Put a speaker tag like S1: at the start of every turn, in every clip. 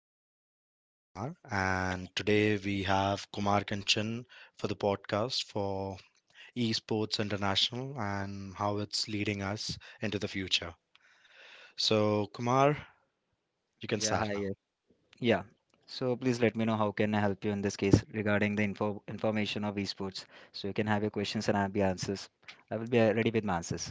S1: name is Yash Parmar, and today we have Kumar Kanchan for the podcast for Esports International and how it's leading us into the future. So, Kumar, you can
S2: या,
S1: start
S2: hi.
S1: now.
S2: Yeah. So please let me know how can I help you in this case regarding the info information of esports, so you can have your questions and I have your answers. I will be ready with my answers.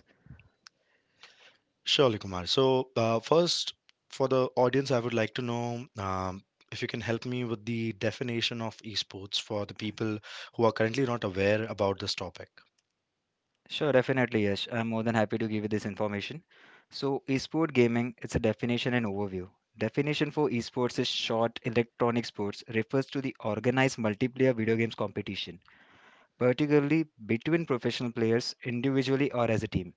S1: Surely, Kumar. So, first, for the audience, I would like to know if you can help me with the definition of esports for the people who are currently not aware about this topic.
S2: Sure, definitely, Yash. I'm more than happy to give you this information. So, esport gaming, it's a definition and overview. Definition for esports is short electronic sports, refers to the organized multiplayer video games competition, particularly between professional players individually or as a team.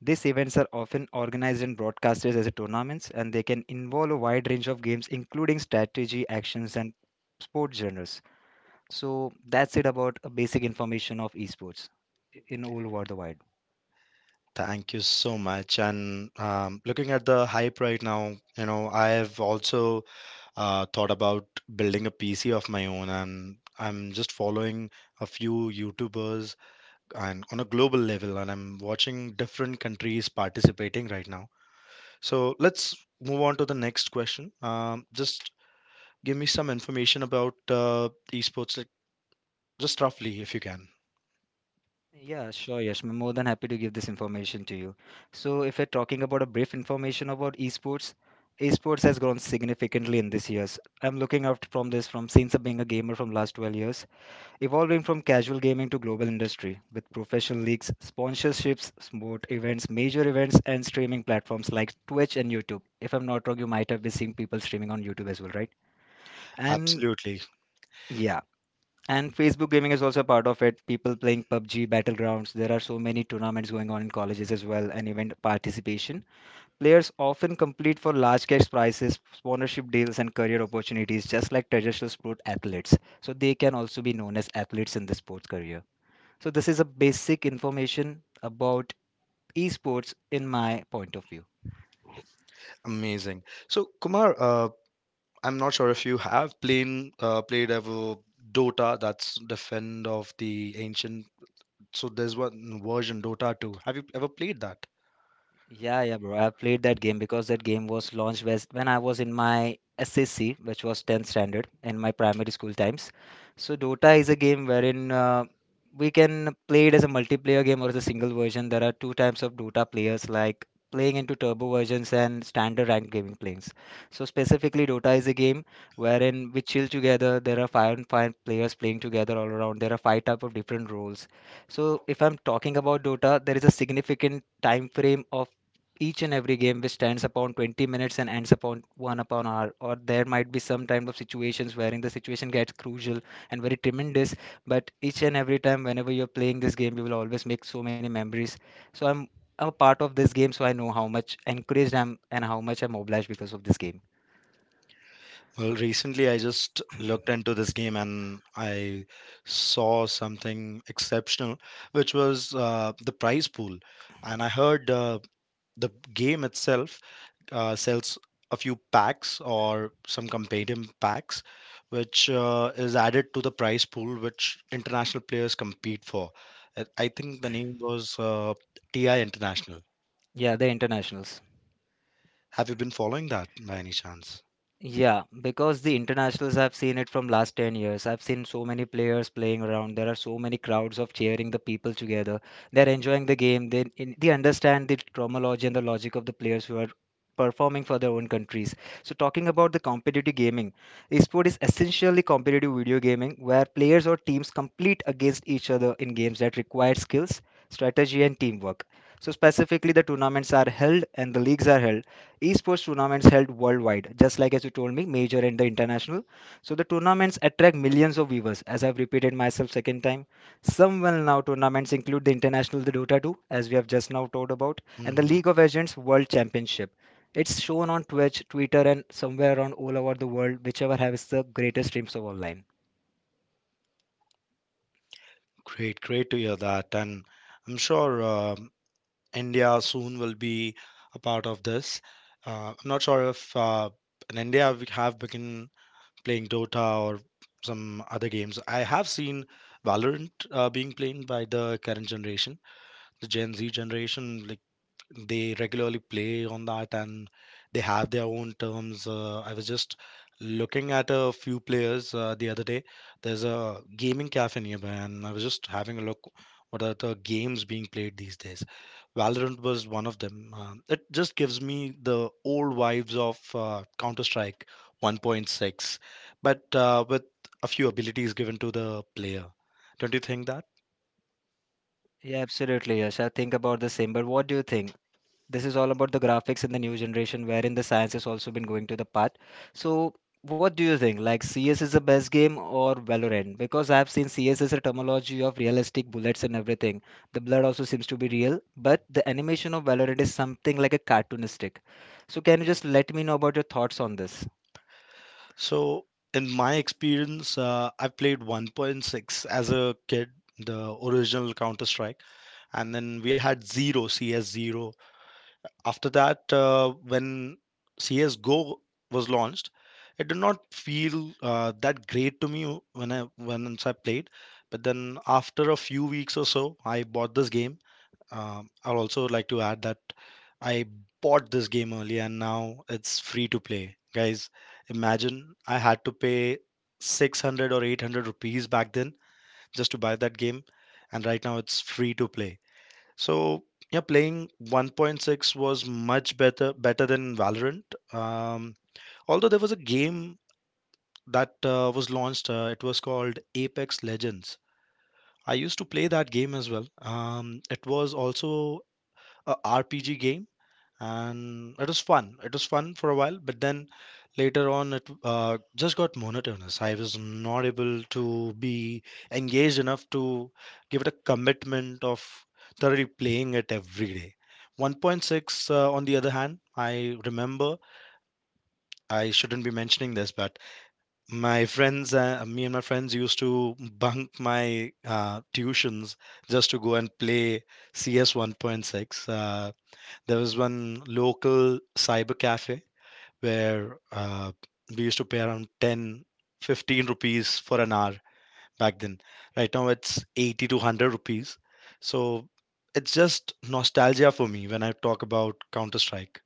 S2: These events are often organized and broadcasted as a tournaments, and they can involve a wide range of games, including strategy, actions, and sport genres. So that's it about a basic information of esports in all over the wide.
S1: Thank you so much. And looking at the hype right now, I have also thought about building a PC of my own, and I'm just following a few YouTubers and on a global level, and I'm watching different countries participating right now. So let's move on to the next question. Just give me some information about esports, like just roughly, if you can.
S2: Yeah, sure, Yash. I'm more than happy to give this information to you. So, if we're talking about a brief information about esports, esports has grown significantly in these years. I'm looking out from this from since being a gamer from last 12 years, evolving from casual gaming to global industry with professional leagues, sponsorships, sport events, major events, and streaming platforms like Twitch and YouTube. If I'm not wrong, you might have been seeing people streaming on YouTube as well, right? And
S1: Absolutely.
S2: yeah, and Facebook gaming is also a part of it. People playing PUBG, Battlegrounds. There are so many tournaments going on in colleges as well, and event participation. Players often compete for large cash prizes, sponsorship deals, and career opportunities, just like traditional sport athletes. So they can also be known as athletes in the sports career. So, this is a basic information about esports in my point of view.
S1: Amazing. So, Kumar, I'm not sure if you have played ever Dota. That's the friend of the ancient. So there's one version Dota 2. Have you ever played that?
S2: Yeah, yeah, bro. I played that game because that game was launched when I was in my SSC, which was 10th standard in my primary school times. So Dota is a game wherein we can play it as a multiplayer game or as a single version. There are two types of Dota players, like playing into turbo versions and standard ranked gaming playings. So specifically, Dota is a game wherein we chill together. There are five and five players playing together all around. There are five type of different roles. So if I'm talking about Dota, there is a significant time frame of each and every game which stands upon 20 minutes and ends upon one upon hour, or there might be some type of situations wherein the situation gets crucial and very tremendous. But each and every time whenever you're playing this game, you will always make so many memories. So I'm a part of this game, so I know how much encouraged I'm and how much I'm obliged because of this game.
S1: Well, recently I just looked into this game and I saw something exceptional, which was the prize pool. And I heard the game itself sells a few packs or some companion packs, which is added to the prize pool which international players compete for. I think the name was TI International.
S2: Yeah, the internationals.
S1: Have you been following that by any chance?
S2: Yeah, because the internationals, I've seen it from last 10 years. I've seen so many players playing around. There are so many crowds of cheering the people together. They're enjoying the game. They they understand the terminology and the logic of the players who are performing for their own countries. So talking about the competitive gaming, esport is essentially competitive video gaming where players or teams compete against each other in games that require skills, strategy, and teamwork. So specifically, the tournaments are held and the leagues are held. Esports tournaments held worldwide, just like as you told me, major and the international. So the tournaments attract millions of viewers, as I've repeated myself second time. Some well now tournaments include the international, the dota 2, as we have just now talked about, and the
S1: Hmm.
S2: League of Legends world championship. It's shown on Twitch, Twitter, and somewhere around all over the world, whichever has the greatest streams of online.
S1: Great, great to hear that. And I'm sure India soon will be a part of this. I'm not sure if in India we have begun playing Dota or some other games. I have seen Valorant being played by the current generation, the Gen Z generation. Like, they regularly play on that and they have their own terms. I was just looking at a few players the other day. There's a gaming cafe nearby, and I was just having a look what are the games being played these days. Valorant was one of them. It just gives me the old vibes of Counter Strike 1.6, but with a few abilities given to the player. Don't you think that?
S2: Yeah, absolutely, yes, I think about the same, but what do you think? This is all about the graphics in the new generation, wherein the science has also been going to the part. So, what do you think? Like, CS is the best game or Valorant? Because I've seen CS is a terminology of realistic bullets and everything. The blood also seems to be real, but the animation of Valorant is something like a cartoonistic. So, can you just let me know about your thoughts on this?
S1: So, in my experience, I played 1.6 as a kid, the original Counter Strike, and then we had Zero, CS0. After that, when CS:GO was launched, it did not feel that great to me when I when once I played. But then after a few weeks or so, I bought this game. I'll also like to add that I bought this game early and now it's free to play. Guys, imagine I had to pay 600 or 800 rupees back then just to buy that game, and right now it's free to play. So, yeah, playing 1.6 was much better than Valorant. Um, Although there was a game that was launched, it was called Apex Legends. I used to play that game as well. It was also a RPG game, and it was fun for a while, but then later on it just got monotonous. I was not able to be engaged enough to give it a commitment of thoroughly playing it every day. 1.6, on the other hand, I remember, I shouldn't be mentioning this, but my friends me and my friends used to bunk my tuitions just to go and play CS 1.6. There was one local cyber cafe where we used to pay around 10, 15 rupees for an hour back then. Right now it's 80 to 100 rupees. So it's just nostalgia for me when I talk about Counter Strike.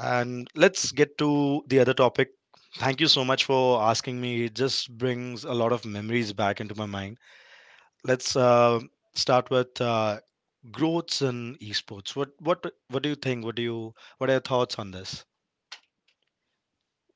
S1: And let's get to the other topic. Thank you so much for asking me. It just brings a lot of memories back into my mind. Let's start with growths in esports. What do you think? What are your thoughts on this?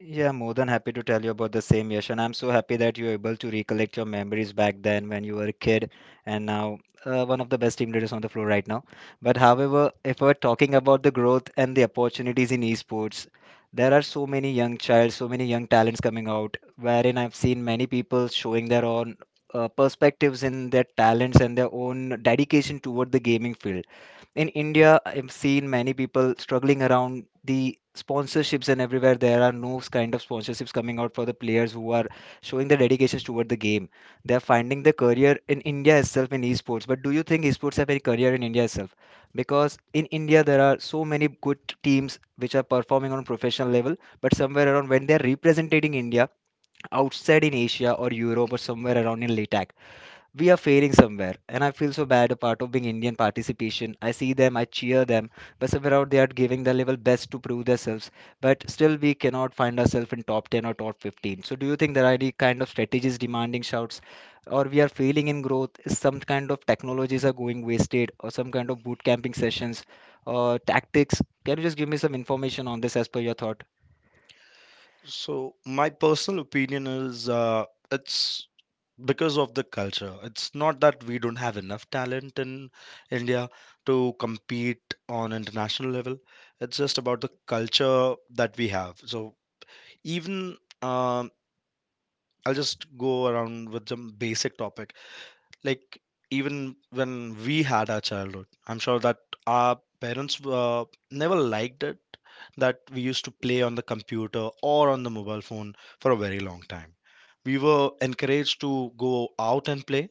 S2: Yeah, more than happy to tell you about the same, Yash. And I'm so happy that you're able to recollect your memories back then when you were a kid, and now one of the best team leaders on the floor right now. But however, if we're talking about the growth and the opportunities in esports, there are so many young child, so many young talents coming out, wherein I've seen many people showing their own perspectives in their talents and their own dedication toward the gaming field. In India, I've seen many people struggling around the sponsorships, and everywhere there are no kind of sponsorships coming out for the players who are showing their dedications toward the game. They are finding their career in India itself in esports. But do you think esports have any career in India itself? Because in India there are so many good teams which are performing on professional level, but somewhere around, when they are representing India outside in Asia or Europe or somewhere around in LATAC, we are failing somewhere, and I feel so bad a part of being Indian participation. I see them, I cheer them, but somewhere out they are giving their level best to prove themselves, but still we cannot find ourselves in top 10 or top 15. So do you think there are any kind of strategies demanding shouts, or we are failing in growth? Is some kind of technologies are going wasted, or some kind of boot camping sessions or tactics? Can you just give me some information on this as per your thought?
S1: So my personal opinion is it's because of the culture. It's not that we don't have enough talent in India to compete on international level. It's just about the culture that we have. So even um I'll just go around with some basic topic. Like, even when we had our childhood, I'm sure that our parents never liked it that we used to play on the computer or on the mobile phone for a very long time. We were encouraged to go out and play,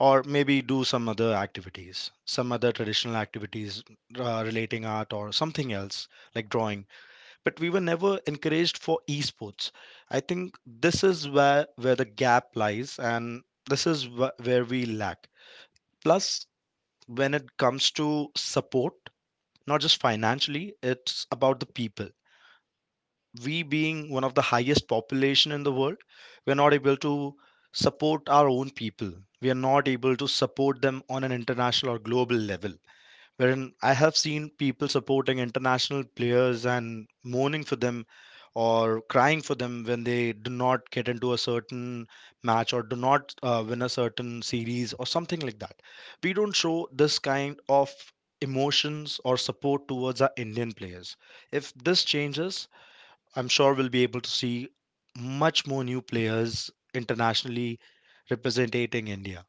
S1: or maybe do some other activities, some other traditional activities relating art or something else, like drawing. But we were never encouraged for esports. I think this is where the gap lies, and this is where we lack. Plus, when it comes to support, not just financially, it's about the people. We being one of the highest population in the world, we're not able to support our own people. We are not able to support them on an international or global level, wherein I have seen people supporting international players and mourning for them or crying for them when they do not get into a certain match or do not win a certain series or something like that. We don't show this kind of emotions or support towards our Indian players. If this changes, I'm sure we'll be able to see much more new players internationally representing India.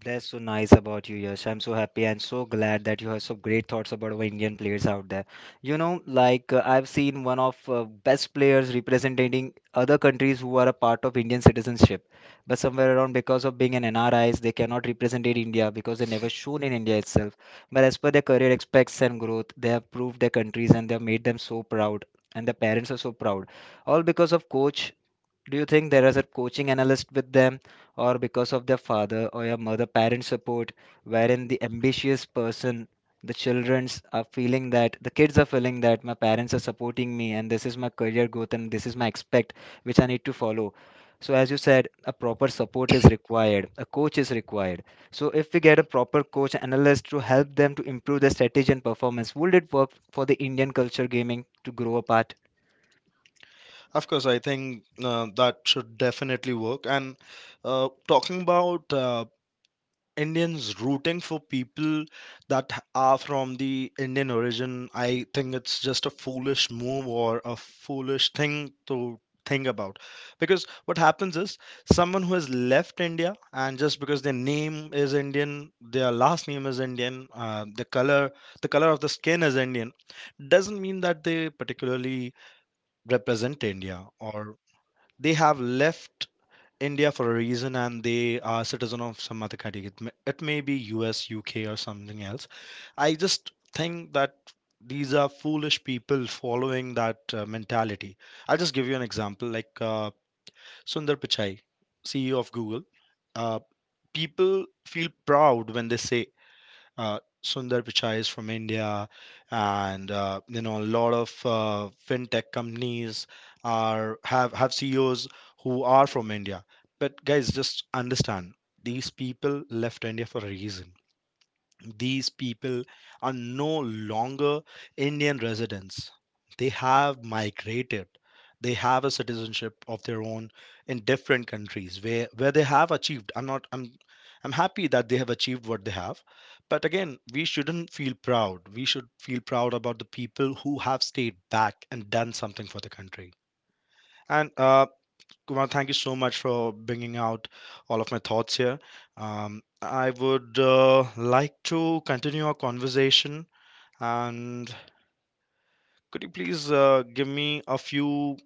S2: That's so nice about you, Yash. I'm so happy and so glad that you have so great thoughts about our Indian players out there. You know, like I've seen one of best players representing other countries who are a part of Indian citizenship, but somewhere around because of being an NRIs, they cannot represent it India because they never shown in India itself. But as per their career aspects and growth, they have proved their countries and they have made them so proud, and the parents are so proud, all because of coach. Do you think there is a coaching analyst with them, or because of their father or your mother parent support, wherein the ambitious person, the childrens are feeling that, the kids are feeling that my parents are supporting me and this is my career growth and this is my expect which I need to follow. So as you said, a proper support is required, a coach is required. So if we get a proper coach analyst to help them to improve their strategy and performance, would it work for the Indian culture gaming to grow apart?
S1: Of course, I think that should definitely work. And talking about Indians rooting for people that are from the Indian origin, I think it's just a foolish move or a foolish thing to think about. Because what happens is, someone who has left India, and just because their name is Indian, their last name is Indian, the color, of the skin is Indian, doesn't mean that they particularly represent India, or they have left India for a reason and they are citizen of some other country. It may be US, UK, or something else. I just think that these are foolish people following that mentality. I'll just give you an example, like Sundar Pichai, CEO of Google. Uh, People feel proud when they say Sundar Pichai is from India, and a lot of fintech companies are have CEOs who are from India. But guys, just understand, these people left India for a reason. These people are no longer Indian residents. They have migrated. They have a citizenship of their own in different countries, where they have achieved. I'm not I'm I'm happy that they have achieved what they have. But again, we shouldn't feel proud. We should feel proud about the people who have stayed back and done something for the country. And Kumar, thank you so much for bringing out all of my thoughts here. I would like to continue our conversation, and could you please give me a few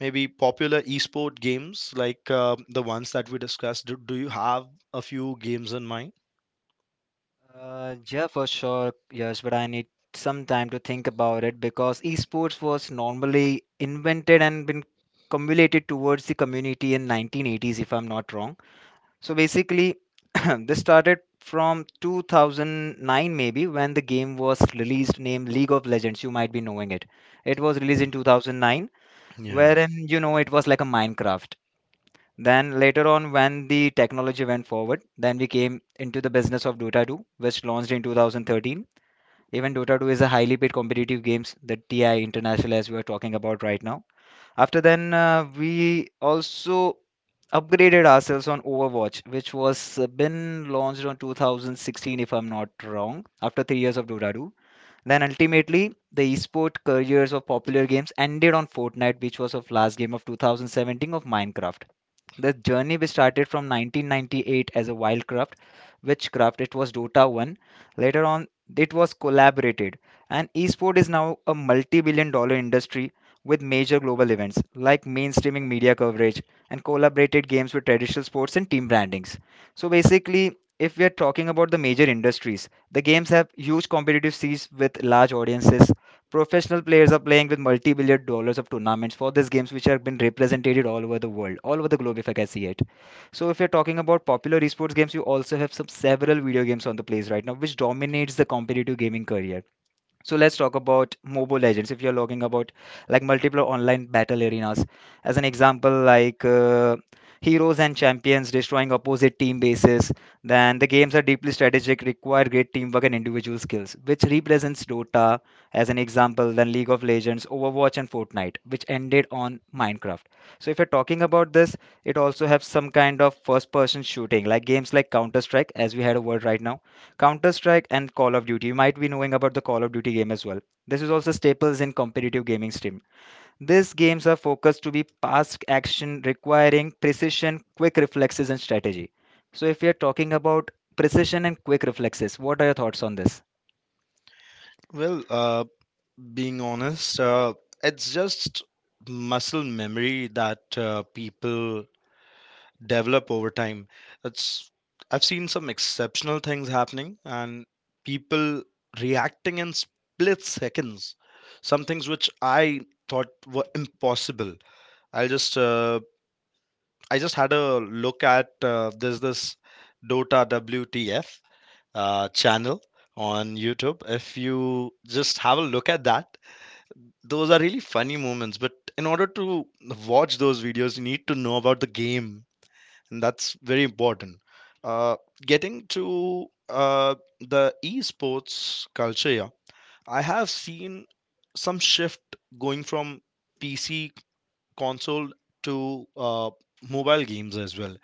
S1: maybe popular esport games, like the ones that we discussed? Do you have a few games in mind?
S2: Yeah, for sure, yes, but I need some time to think about it because esports was normally invented and been cumulated towards the community in 1980s, if I'm not wrong. So basically, this started from 2009 maybe when the game was released named League of Legends. You might be knowing it. It was released in 2009,
S1: Yeah.
S2: wherein you know it was like a Minecraft. Then later on, when the technology went forward, then we came into the business of Dota 2, which launched in 2013. Even Dota 2 is a highly paid competitive games, the TI International, as we are talking about right now. After then, we also upgraded ourselves on Overwatch, which was been launched on 2016, if I'm not wrong, after 3 years of Dota 2. Then ultimately, the esport careers of popular games ended on Fortnite, which was of last game of 2017 of Minecraft. The journey we started from 1998 as a wildcraft, witchcraft, it was dota 1. Later on, it was collaborated, and esport is now a multi-billion dollar industry with major global events like mainstreaming media coverage and collaborated games with traditional sports and team brandings. So basically, if we are talking about the major industries, the games have huge competitive seas with large audiences. Professional players are playing with multi-billion dollars of tournaments for these games, which have been represented all over the world, all over the globe, if I can see it. So, if you're talking about popular esports games, you also have some several video games on the place right now, which dominates the competitive gaming career. So let's talk about Mobile Legends. If you're talking about like multiple online battle arenas, as an example, like heroes and champions destroying opposite team bases, then the games are deeply strategic, require great teamwork and individual skills, which represents Dota as an example, then League of Legends, Overwatch, and Fortnite, which ended on Minecraft. So if you're talking about this, it also has some kind of first-person shooting, like games like Counter Strike, as we had a word right now. Counter Strike and Call of Duty. You might be knowing about the Call of Duty game as well. This is also staples in competitive gaming stream. These games are focused to be fast action requiring precision, quick reflexes, and strategy. So, if you're talking about precision and quick reflexes, what are your thoughts on this?
S1: Well, being honest, it's just muscle memory that people develop over time. It's I've seen some exceptional things happening and people reacting in split seconds. Some things which I thought were impossible. I just uh, I just had a look at there's this Dota WTF channel on YouTube. If you just have a look at that, those are really funny moments. But in order to watch those videos, you need to know about the game, and that's very important. Uh, Getting to the esports culture, yeah, I have seen some shift going from PC console to mobile games as well,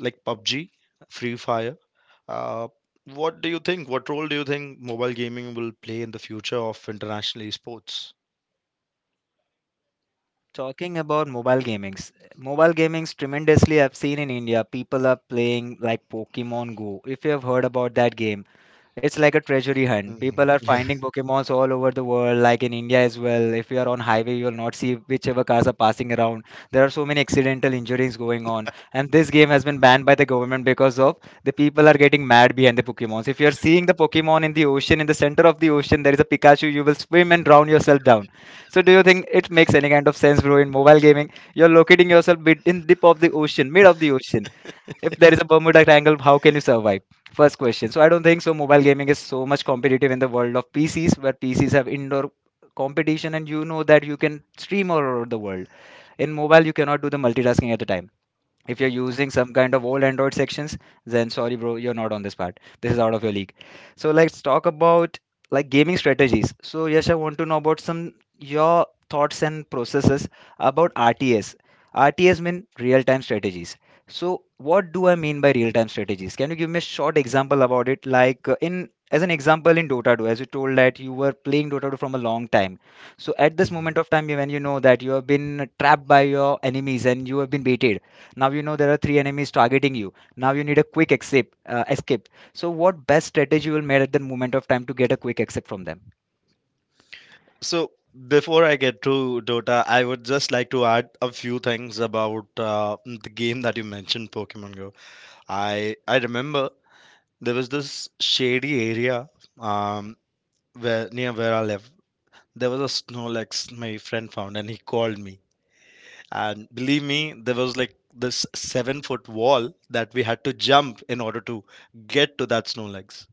S1: like PUBG, Free Fire. Uh, what do you think? What role do you think mobile gaming will play in the future of international esports?
S2: Talking about mobile gamings tremendously I've seen in India. People are playing like Pokemon Go. If you have heard about that game, it's like a treasury hunt. People
S1: Hmm.
S2: are finding Pokemons all over the world, like in India as well. If you are on highway, you will not see whichever cars are passing around. There are so many accidental injuries going on, and this game has been banned by the government because of the people are getting mad behind the Pokemons. If you are seeing the Pokemon in the ocean, in the center of the ocean, there is a Pikachu. You will swim and drown yourself down. So, do you think it makes any kind of sense, bro? In mobile gaming, you're locating yourself bit in deep of the ocean, mid of the ocean, if there is a Bermuda Triangle, how can you survive? First question. So I don't think so. Mobile gaming is so much competitive in the world of PCs, where PCs have indoor competition, and you know that you can stream all over the world. In mobile, you cannot do the multitasking at a time if you're using some kind of old android sections, then sorry bro, you're not on this part, this is out of your league. So let's talk about like gaming strategies. So Yash, I want to know about some your thoughts and processes about RTS. RTS mean real time strategies. So what do I mean by real time strategies? Can you give me a short example about it, like in as an example in Dota 2, as you told that you were playing Dota 2 from a long time. So at this
S1: Yeah.
S2: moment of time when you know that you have been trapped by your enemies and you have been baited, now you know there are three enemies targeting you, now you need a quick escape. So what best strategy will made at that moment of time to get a quick escape from them?
S1: So before I get to Dota, I would just like to add a few things about the game that you mentioned, Pokemon Go. I remember there was this shady area, um where near where I live. There was a Snorlax my friend found, and he called me. And believe me, there was like this 7 foot wall that we had to jump in order to get to that Snorlax,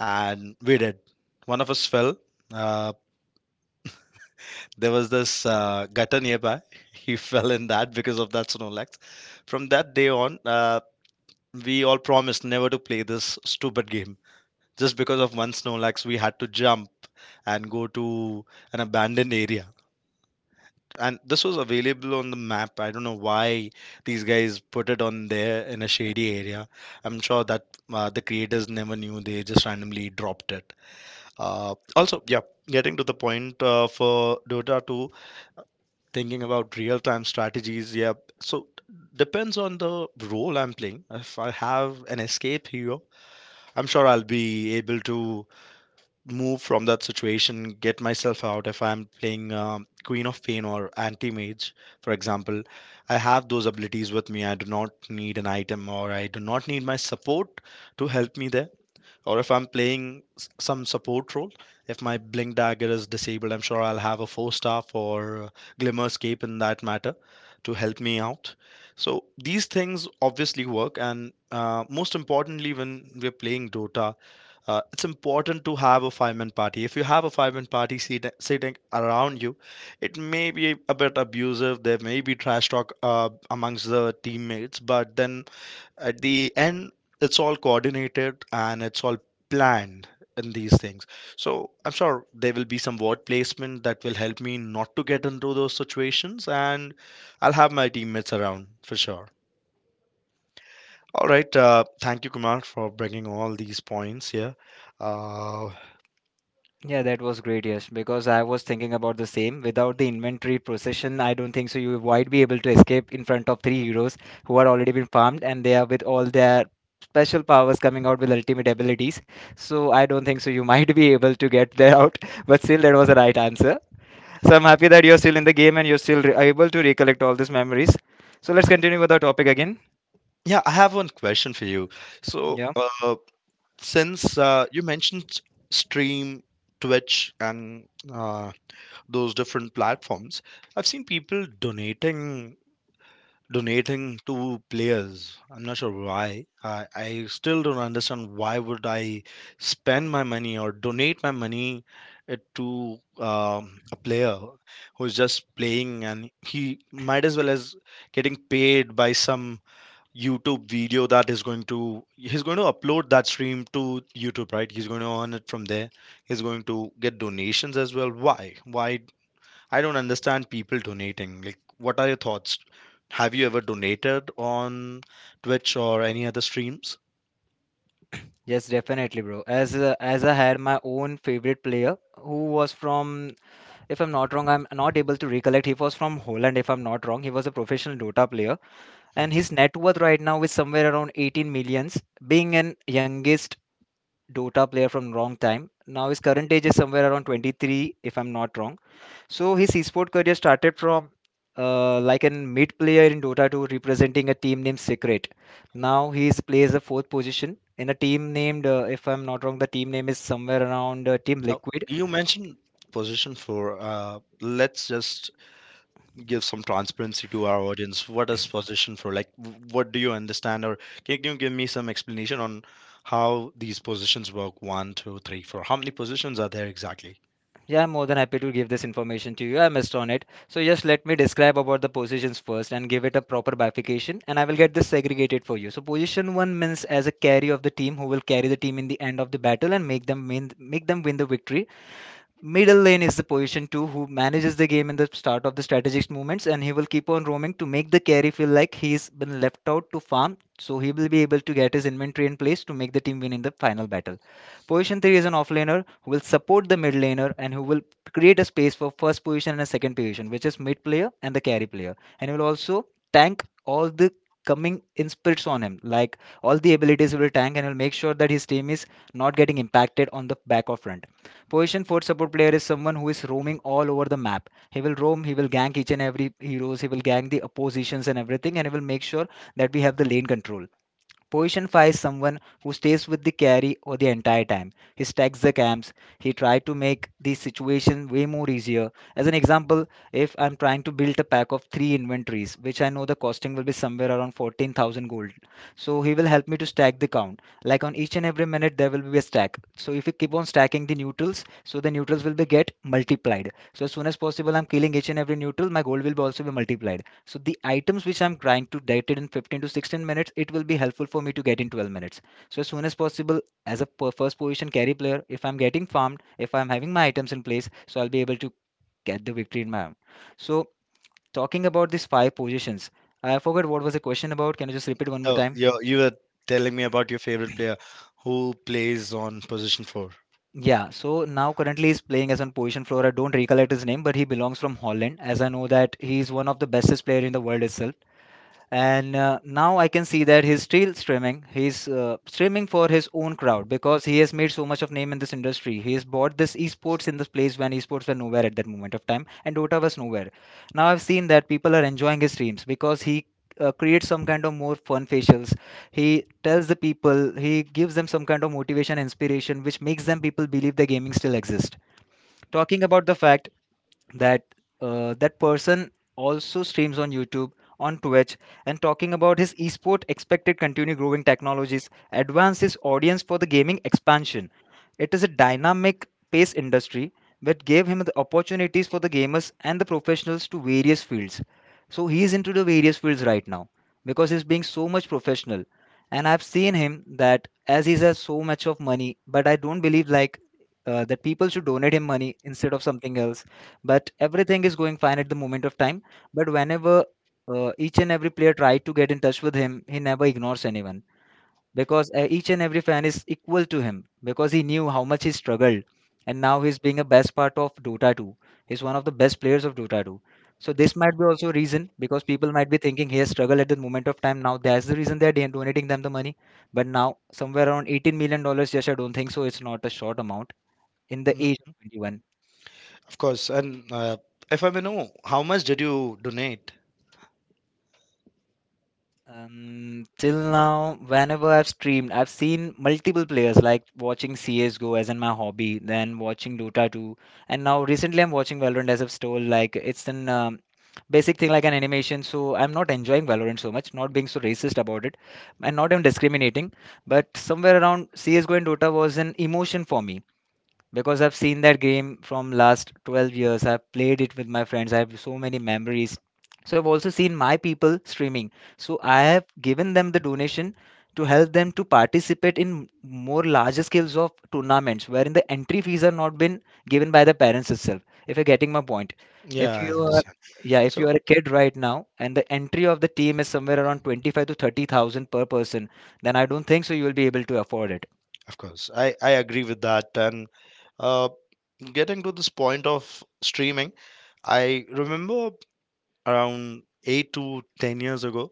S1: and we did. One of us fell. Uh, There was this gutter nearby. He fell in that because of that Snorlax. From that day on, we all promised never to play this stupid game. Just because of one Snorlax, we had to jump and go to an abandoned area. And this was available on the map. I don't know why these guys put it on there in a shady area. I'm sure that the creators never knew. They just randomly dropped it. Yeah, getting to the point for Dota 2, thinking about real time strategies, yeah. So depends on the role I'm playing. If I have an escape hero, I'm sure I'll be able to move from that situation, get myself out. If I'm playing Queen of Pain or Anti Mage, for example, I have those abilities with me. I do not need an item or I do not need my support to help me there. Or if I'm playing some support role, if my Blink Dagger is disabled, I'm sure I'll have a four staff or Glimmer Scape in that matter to help me out. So these things obviously work, and most importantly when we're playing Dota, it's important to have a five-man party. If you have a five-man party sitting around you, it may be a bit abusive, there may be trash talk amongst the teammates, but then at the end, it's all coordinated and it's all planned in these things. So I'm sure there will be some word placement that will help me not to get into those situations, and I'll have my teammates around for sure. All right, thank you, Kumar, for bringing all these points here. Uh,
S2: Yeah, that was great. Yes, because I was thinking about the same. Without the inventory procession, I don't think so you might be able to escape in front of three heroes who are already been farmed and they are with all their special powers coming out with ultimate abilities. So I don't think so you might be able to get there out but still that was the right answer. So I'm happy that you're still in the game and you're still able to recollect all these memories. So let's continue with our topic again.
S1: yeah I have one question for you. So
S2: Yeah.
S1: since you mentioned stream, Twitch, and those different platforms, I've seen people donating, to players. I'm not sure why I still don't understand why would I spend my money or donate my money to a player who's just playing, and he might as well as getting paid by some YouTube video that is going to, he's going to upload that stream to YouTube, right? He's going to earn it from there, he's going to get donations as well. Why? I don't understand people donating. Like, what are your thoughts? Have you ever donated on Twitch or any other streams?
S2: Yes, definitely, bro. As I had my own favorite player who was from, if I'm not wrong, I'm not able to recollect. He was from Holland, if I'm not wrong. He was a professional Dota player, and
S1: Mhm.
S2: his net worth right now is somewhere around 18 millions. Being an youngest Dota player from wrong time, now his current age is somewhere around 23, if I'm not wrong. So his esport career started from like a mid player in Dota 2 representing a team named Secret. Now he is, plays the fourth position in a team named, if I'm not wrong, the team name is somewhere around Team
S1: Now,
S2: Liquid.
S1: you mentioned position 4. Let's just give some transparency to our audience. What is position four? Like, what do you understand, or can you give me some explanation on how these positions work? One, two, three, four. How many positions are there exactly?
S2: Yeah, I'm more than happy to give this information to you. I missed on it. So just let me describe about the positions first and give it a proper bifurcation and I will get this segregated for you. So position 1 means as a carry of the team who will carry the team in the end of the battle and make them win the victory. Middle lane is the position too, who manages the game in the start of the strategic movements, and he will keep on roaming to make the carry feel like he's been left out to farm, so he will be able to get his inventory in place to make the team win in the final battle. Position 3 is an offlaner who will support the mid laner and who will create a space for first position and a second position, which is mid player and the carry player, and he will also tank all the coming in on him, like all the abilities he will tank and will make sure that his team is not getting impacted on the back or front. Position 4 support player is someone who is roaming all over the map. He will roam, he will gank each and every heroes, he will gank the oppositions and everything, and he will make sure that we have the lane control. Position 5 is someone who stays with the carry or the entire time. He stacks the camps. He tries to make the situation way more easier. As an example, if I'm trying to build a pack of three inventories, which I know the costing will be somewhere around 14,000 gold. So he will help me to stack the count. Like on each and every minute, there will be a stack. So if we keep on stacking the neutrals, so the neutrals will be get multiplied. So as soon as possible, I'm killing each and every neutral, my gold will be also be multiplied. So the items which I'm trying to get it in 15 to 16 minutes, it will be helpful for me to get in 12 minutes. So as soon as possible, as a first position carry player, if I'm getting farmed, if I'm having my items in place, so I'll be able to get the victory in my hand. So talking about these five positions, I forgot what was the question about. Can you just repeat one more
S1: Oh,
S2: time?
S1: you were telling me about your favorite player who plays on position four.
S2: Yeah, so now currently he's playing as on position floor. I don't recollect his name, but he belongs from Holland. As I know that he is one of the bestest player in the world itself. And now I can see that he's still streaming. He's streaming for his own crowd because he has made so much of name in this industry. He has bought this esports in this place when esports were nowhere at that moment of time and Dota was nowhere. Now I've seen that people are enjoying his streams because he creates some kind of more fun facials. He tells the people, he gives them some kind of motivation inspiration which makes them people believe the gaming still exists. Talking about the fact that that person also streams on YouTube, on Twitch, and talking about his esport expected continue growing technologies, advance his audience for the gaming expansion. It is a dynamic pace industry that gave him the opportunities for the gamers and the professionals to various fields. So he is into the various fields right now because he's being so much professional. And I've seen him that as he has so much of money, but I don't believe like that people should donate him money instead of something else. But everything is going fine at the moment of time. But whenever each and every player tried to get in touch with him, he never ignores anyone because each and every fan is equal to him because he knew how much he struggled. And now he's being a best part of Dota 2. He's one of the best players of Dota 2. So this might be also a reason because people might be thinking he has struggled at the moment of time, now that's the reason they're donating them the money. But now somewhere around 18 million dollars, yes, I don't think so, it's not a short amount in the age of 21.
S1: Of course. And if I may know, how much did you donate?
S2: Till now, whenever I've streamed, I've seen multiple players like watching CSGO as in my hobby, then watching Dota 2, and now recently I'm watching Valorant, as I've told. Like it's an basic thing like an animation, so I'm not enjoying Valorant so much, not being so racist about it, and not even discriminating. But somewhere around CSGO and Dota was an emotion for me because I've seen that game from last 12 years. I've played it with my friends. I have so many memories. So I've also seen my people streaming. So I have given them the donation to help them to participate in more larger scales of tournaments wherein the entry fees are not been given by the parents itself. If you're getting my point. If
S1: Yeah, I
S2: you are
S1: understand.
S2: yeah, if you
S1: So,
S2: are a kid right now and the entry of the team is somewhere around 25 to 30,000 per person, then I don't think so you will be able to afford it.
S1: of course, I agree with that. And uh, getting to this point of streaming, I remember around 8 to 10 years ago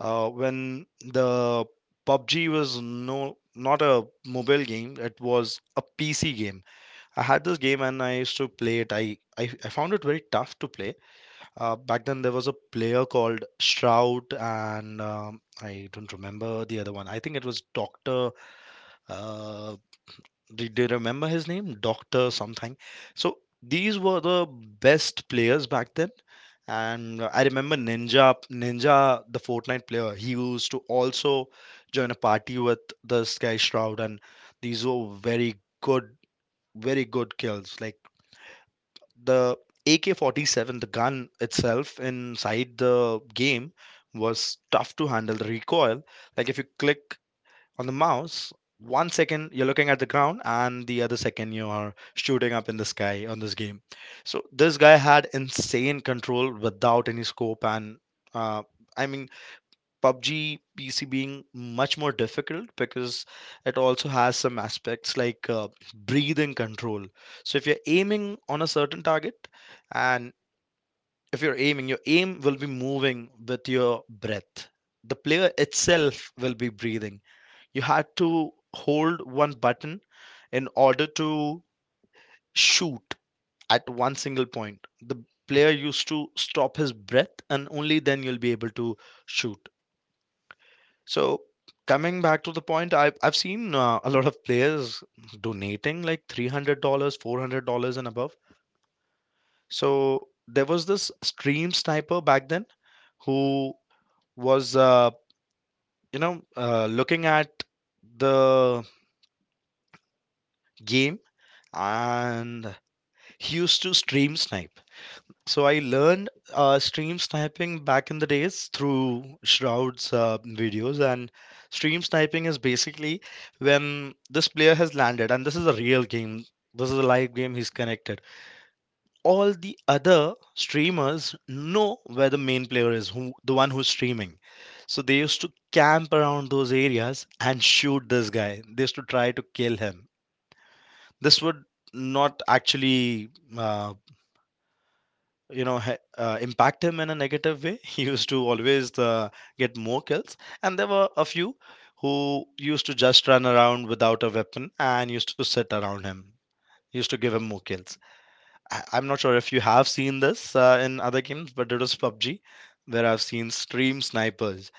S1: when the PUBG was, no, not a mobile game; it was a PC game. I had this game and I used to play it. I found it very tough to play. Back then, there was a player called Stroud, and I don't remember the other one. I think it was Doctor. Uh, do you remember his name? Doctor something. So these were the best players back then. And I remember Ninja, the Fortnite player. He used to also join a party with this guy Shroud, and these were very good, very good kills. Like the AK-47, the gun itself inside the game was tough to handle. The recoil, like if you click on the mouse, one second you're looking at the ground and the other second you are shooting up in the sky on this game. So this guy had insane control without any scope. And uh, I mean PUBG PC being much more difficult because it also has some aspects like breathing control. So if you're aiming on a certain target and if you're aiming, your aim will be moving with your breath. The player itself will be breathing. You had to hold one button in order to shoot at one single point. The player used to stop his breath and only then you'll be able to shoot. So coming back to the point, I've seen a lot of players donating like $300, $400, and above. So there was this stream sniper back then who was looking at the game, and he used to stream snipe. So I learned stream sniping back in the days through Shroud's videos, and stream sniping is basically when this player has landed, and this is a real game. This is a live game. He's connected. All the other streamers know where the main player is, who the one who's streaming. So they used to camp around those areas and shoot this guy. They used to try to kill him. This would not actually uh, impact him in a negative way. He used to always get more kills, and there were a few who used to just run around without a weapon and used to sit around him, used to give him more kills. I'm not sure if you have seen this in other games, but it was PUBG where I've seen stream snipers.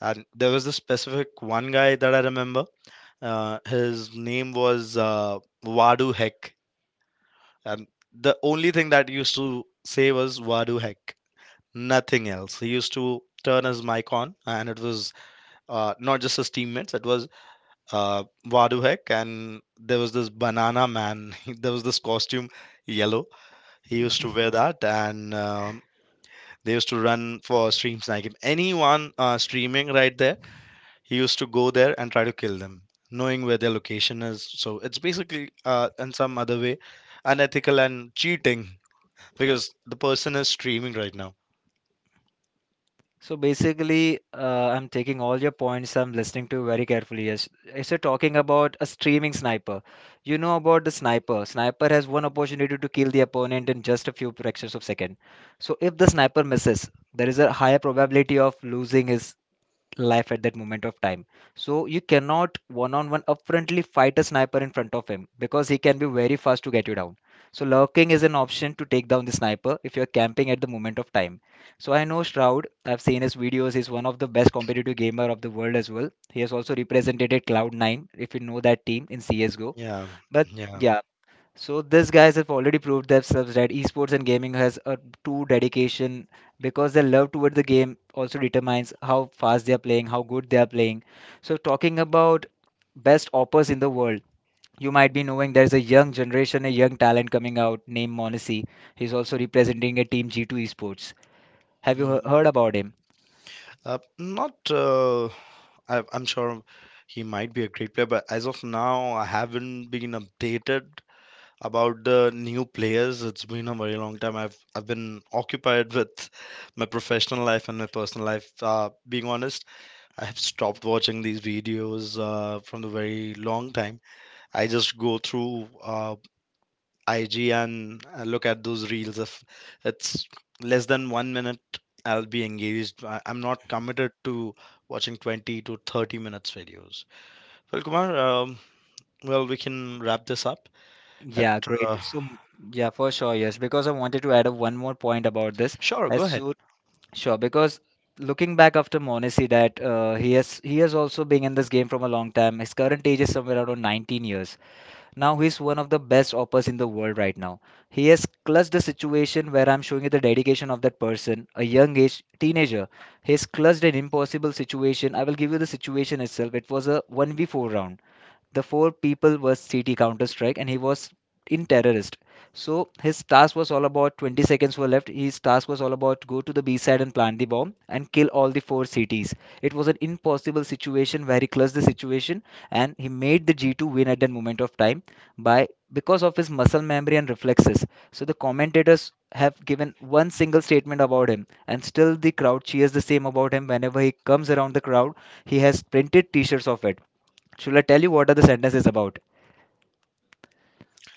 S1: And there was this specific one guy that I remember. His name was Wadu Heck. And the only thing that he used to say was "Wadu Heck," nothing else. He used to turn his mic on, and it was not just his teammates. It was Vaduhek, and there was this banana man. There was this costume, yellow. He used to wear that, and they used to run for stream sniping. Anyone streaming right there, he used to go there and try to kill them, knowing where their location is. So it's basically in some other way unethical and cheating, because the person is streaming right now.
S2: So basically, I'm taking all your points. I'm listening to very carefully. Yes, if you're talking about a streaming sniper, you know about the sniper. Sniper has one opportunity to kill the opponent in just a few fractions of second. So if the sniper misses, there is a higher probability of losing his life at that moment of time. So you cannot one on one upfrontly fight a sniper in front of him because he can be very fast to get you down. So lurking is an option to take down the sniper if you're camping at the moment of time. So I know Shroud, I've seen his videos, he's one of the best competitive gamer of the world as well. He has also represented Cloud9 if you know that team in CSGO.
S1: Yeah,
S2: But
S1: yeah.
S2: yeah, so these guys have already proved themselves that esports and gaming has a true dedication because their love toward the game also determines how fast they are playing, how good they are playing. So talking about best oppers in the world, you might be knowing there is a young generation, a young talent coming out named Monesi. He's also representing a team G2 Esports. Have you
S1: Mm.
S2: heard about him?
S1: Not, I'm sure he might be a great player, but as of now, I haven't been updated about the new players. It's been a very long time. I've been occupied with my professional life and my personal life. Being honest, I have stopped watching these videos from the very long time. I just go through IG, and look at those reels. If it's less than one minute, I'll be engaged. I'm not committed to watching 20 to 30 minutes videos. Well, Kumar, well, we can wrap this up. At
S2: Yeah, great.
S1: uh,
S2: Yeah, for sure, yes. Because I wanted to add up one more point about this.
S1: sure, go
S2: As
S1: ahead.
S2: soon Sure, because looking back after Monesi, that he has also been in this game from a long time. His current age is somewhere around 19 years. Now he's one of the best oppers in the world right now. He has clutched the situation where I'm showing you the dedication of that person, a young age teenager. He's clutched an impossible situation. I will give you the situation itself. It was a 1v4 round. The four people were CT Counter Strike, and he was in terrorist. So his task was all about 20 seconds were left. His task was all about go to the B side and plant the bomb and kill all the four CTs. It was an impossible situation, very clutch the situation, and he made the G2 win at that moment of time by because of his muscle memory and reflexes. So the commentators have given one single statement about him, and still the crowd cheers the same about him whenever he comes around the crowd. He has printed T-shirts of it. Should I tell you what are the sentences about?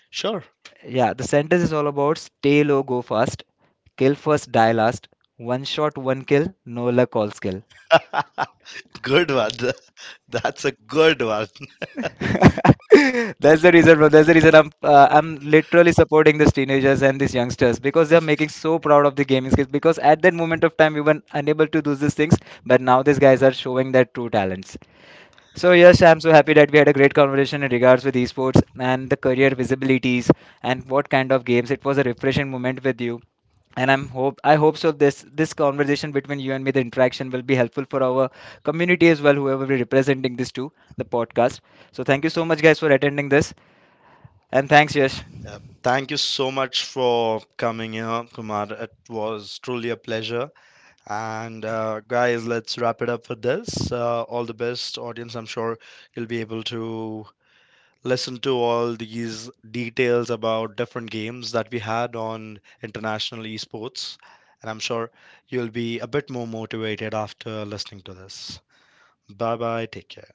S1: Sure.
S2: Yeah, the sentence is all about stay low, go fast, kill first, die last, one shot, one kill, no luck, all skill.
S1: Good one. That's a good one.
S2: That's the reason, bro. That's the reason I'm literally supporting these teenagers and these youngsters because they are making so proud of the gaming skills. Because at that moment of time, we were unable to do these things, but now these guys are showing their true talents. So yes, I'm so happy that we had a great conversation in regards with esports and the career visibilities and what kind of games. It was a refreshing moment with you. And I hope so this conversation between you and me, the interaction will be helpful for our community as well, whoever we're representing this to, the podcast. So thank you so much guys for attending this, and thanks Yash.
S1: Yeah. Thank you so much for coming here, Kumar. It was truly a pleasure. And guys, let's wrap it up for this. All the best, audience. I'm sure you'll be able to listen to all these details about different games that we had on international esports. And I'm sure you'll be a bit more motivated after listening to this. Bye bye. Take care.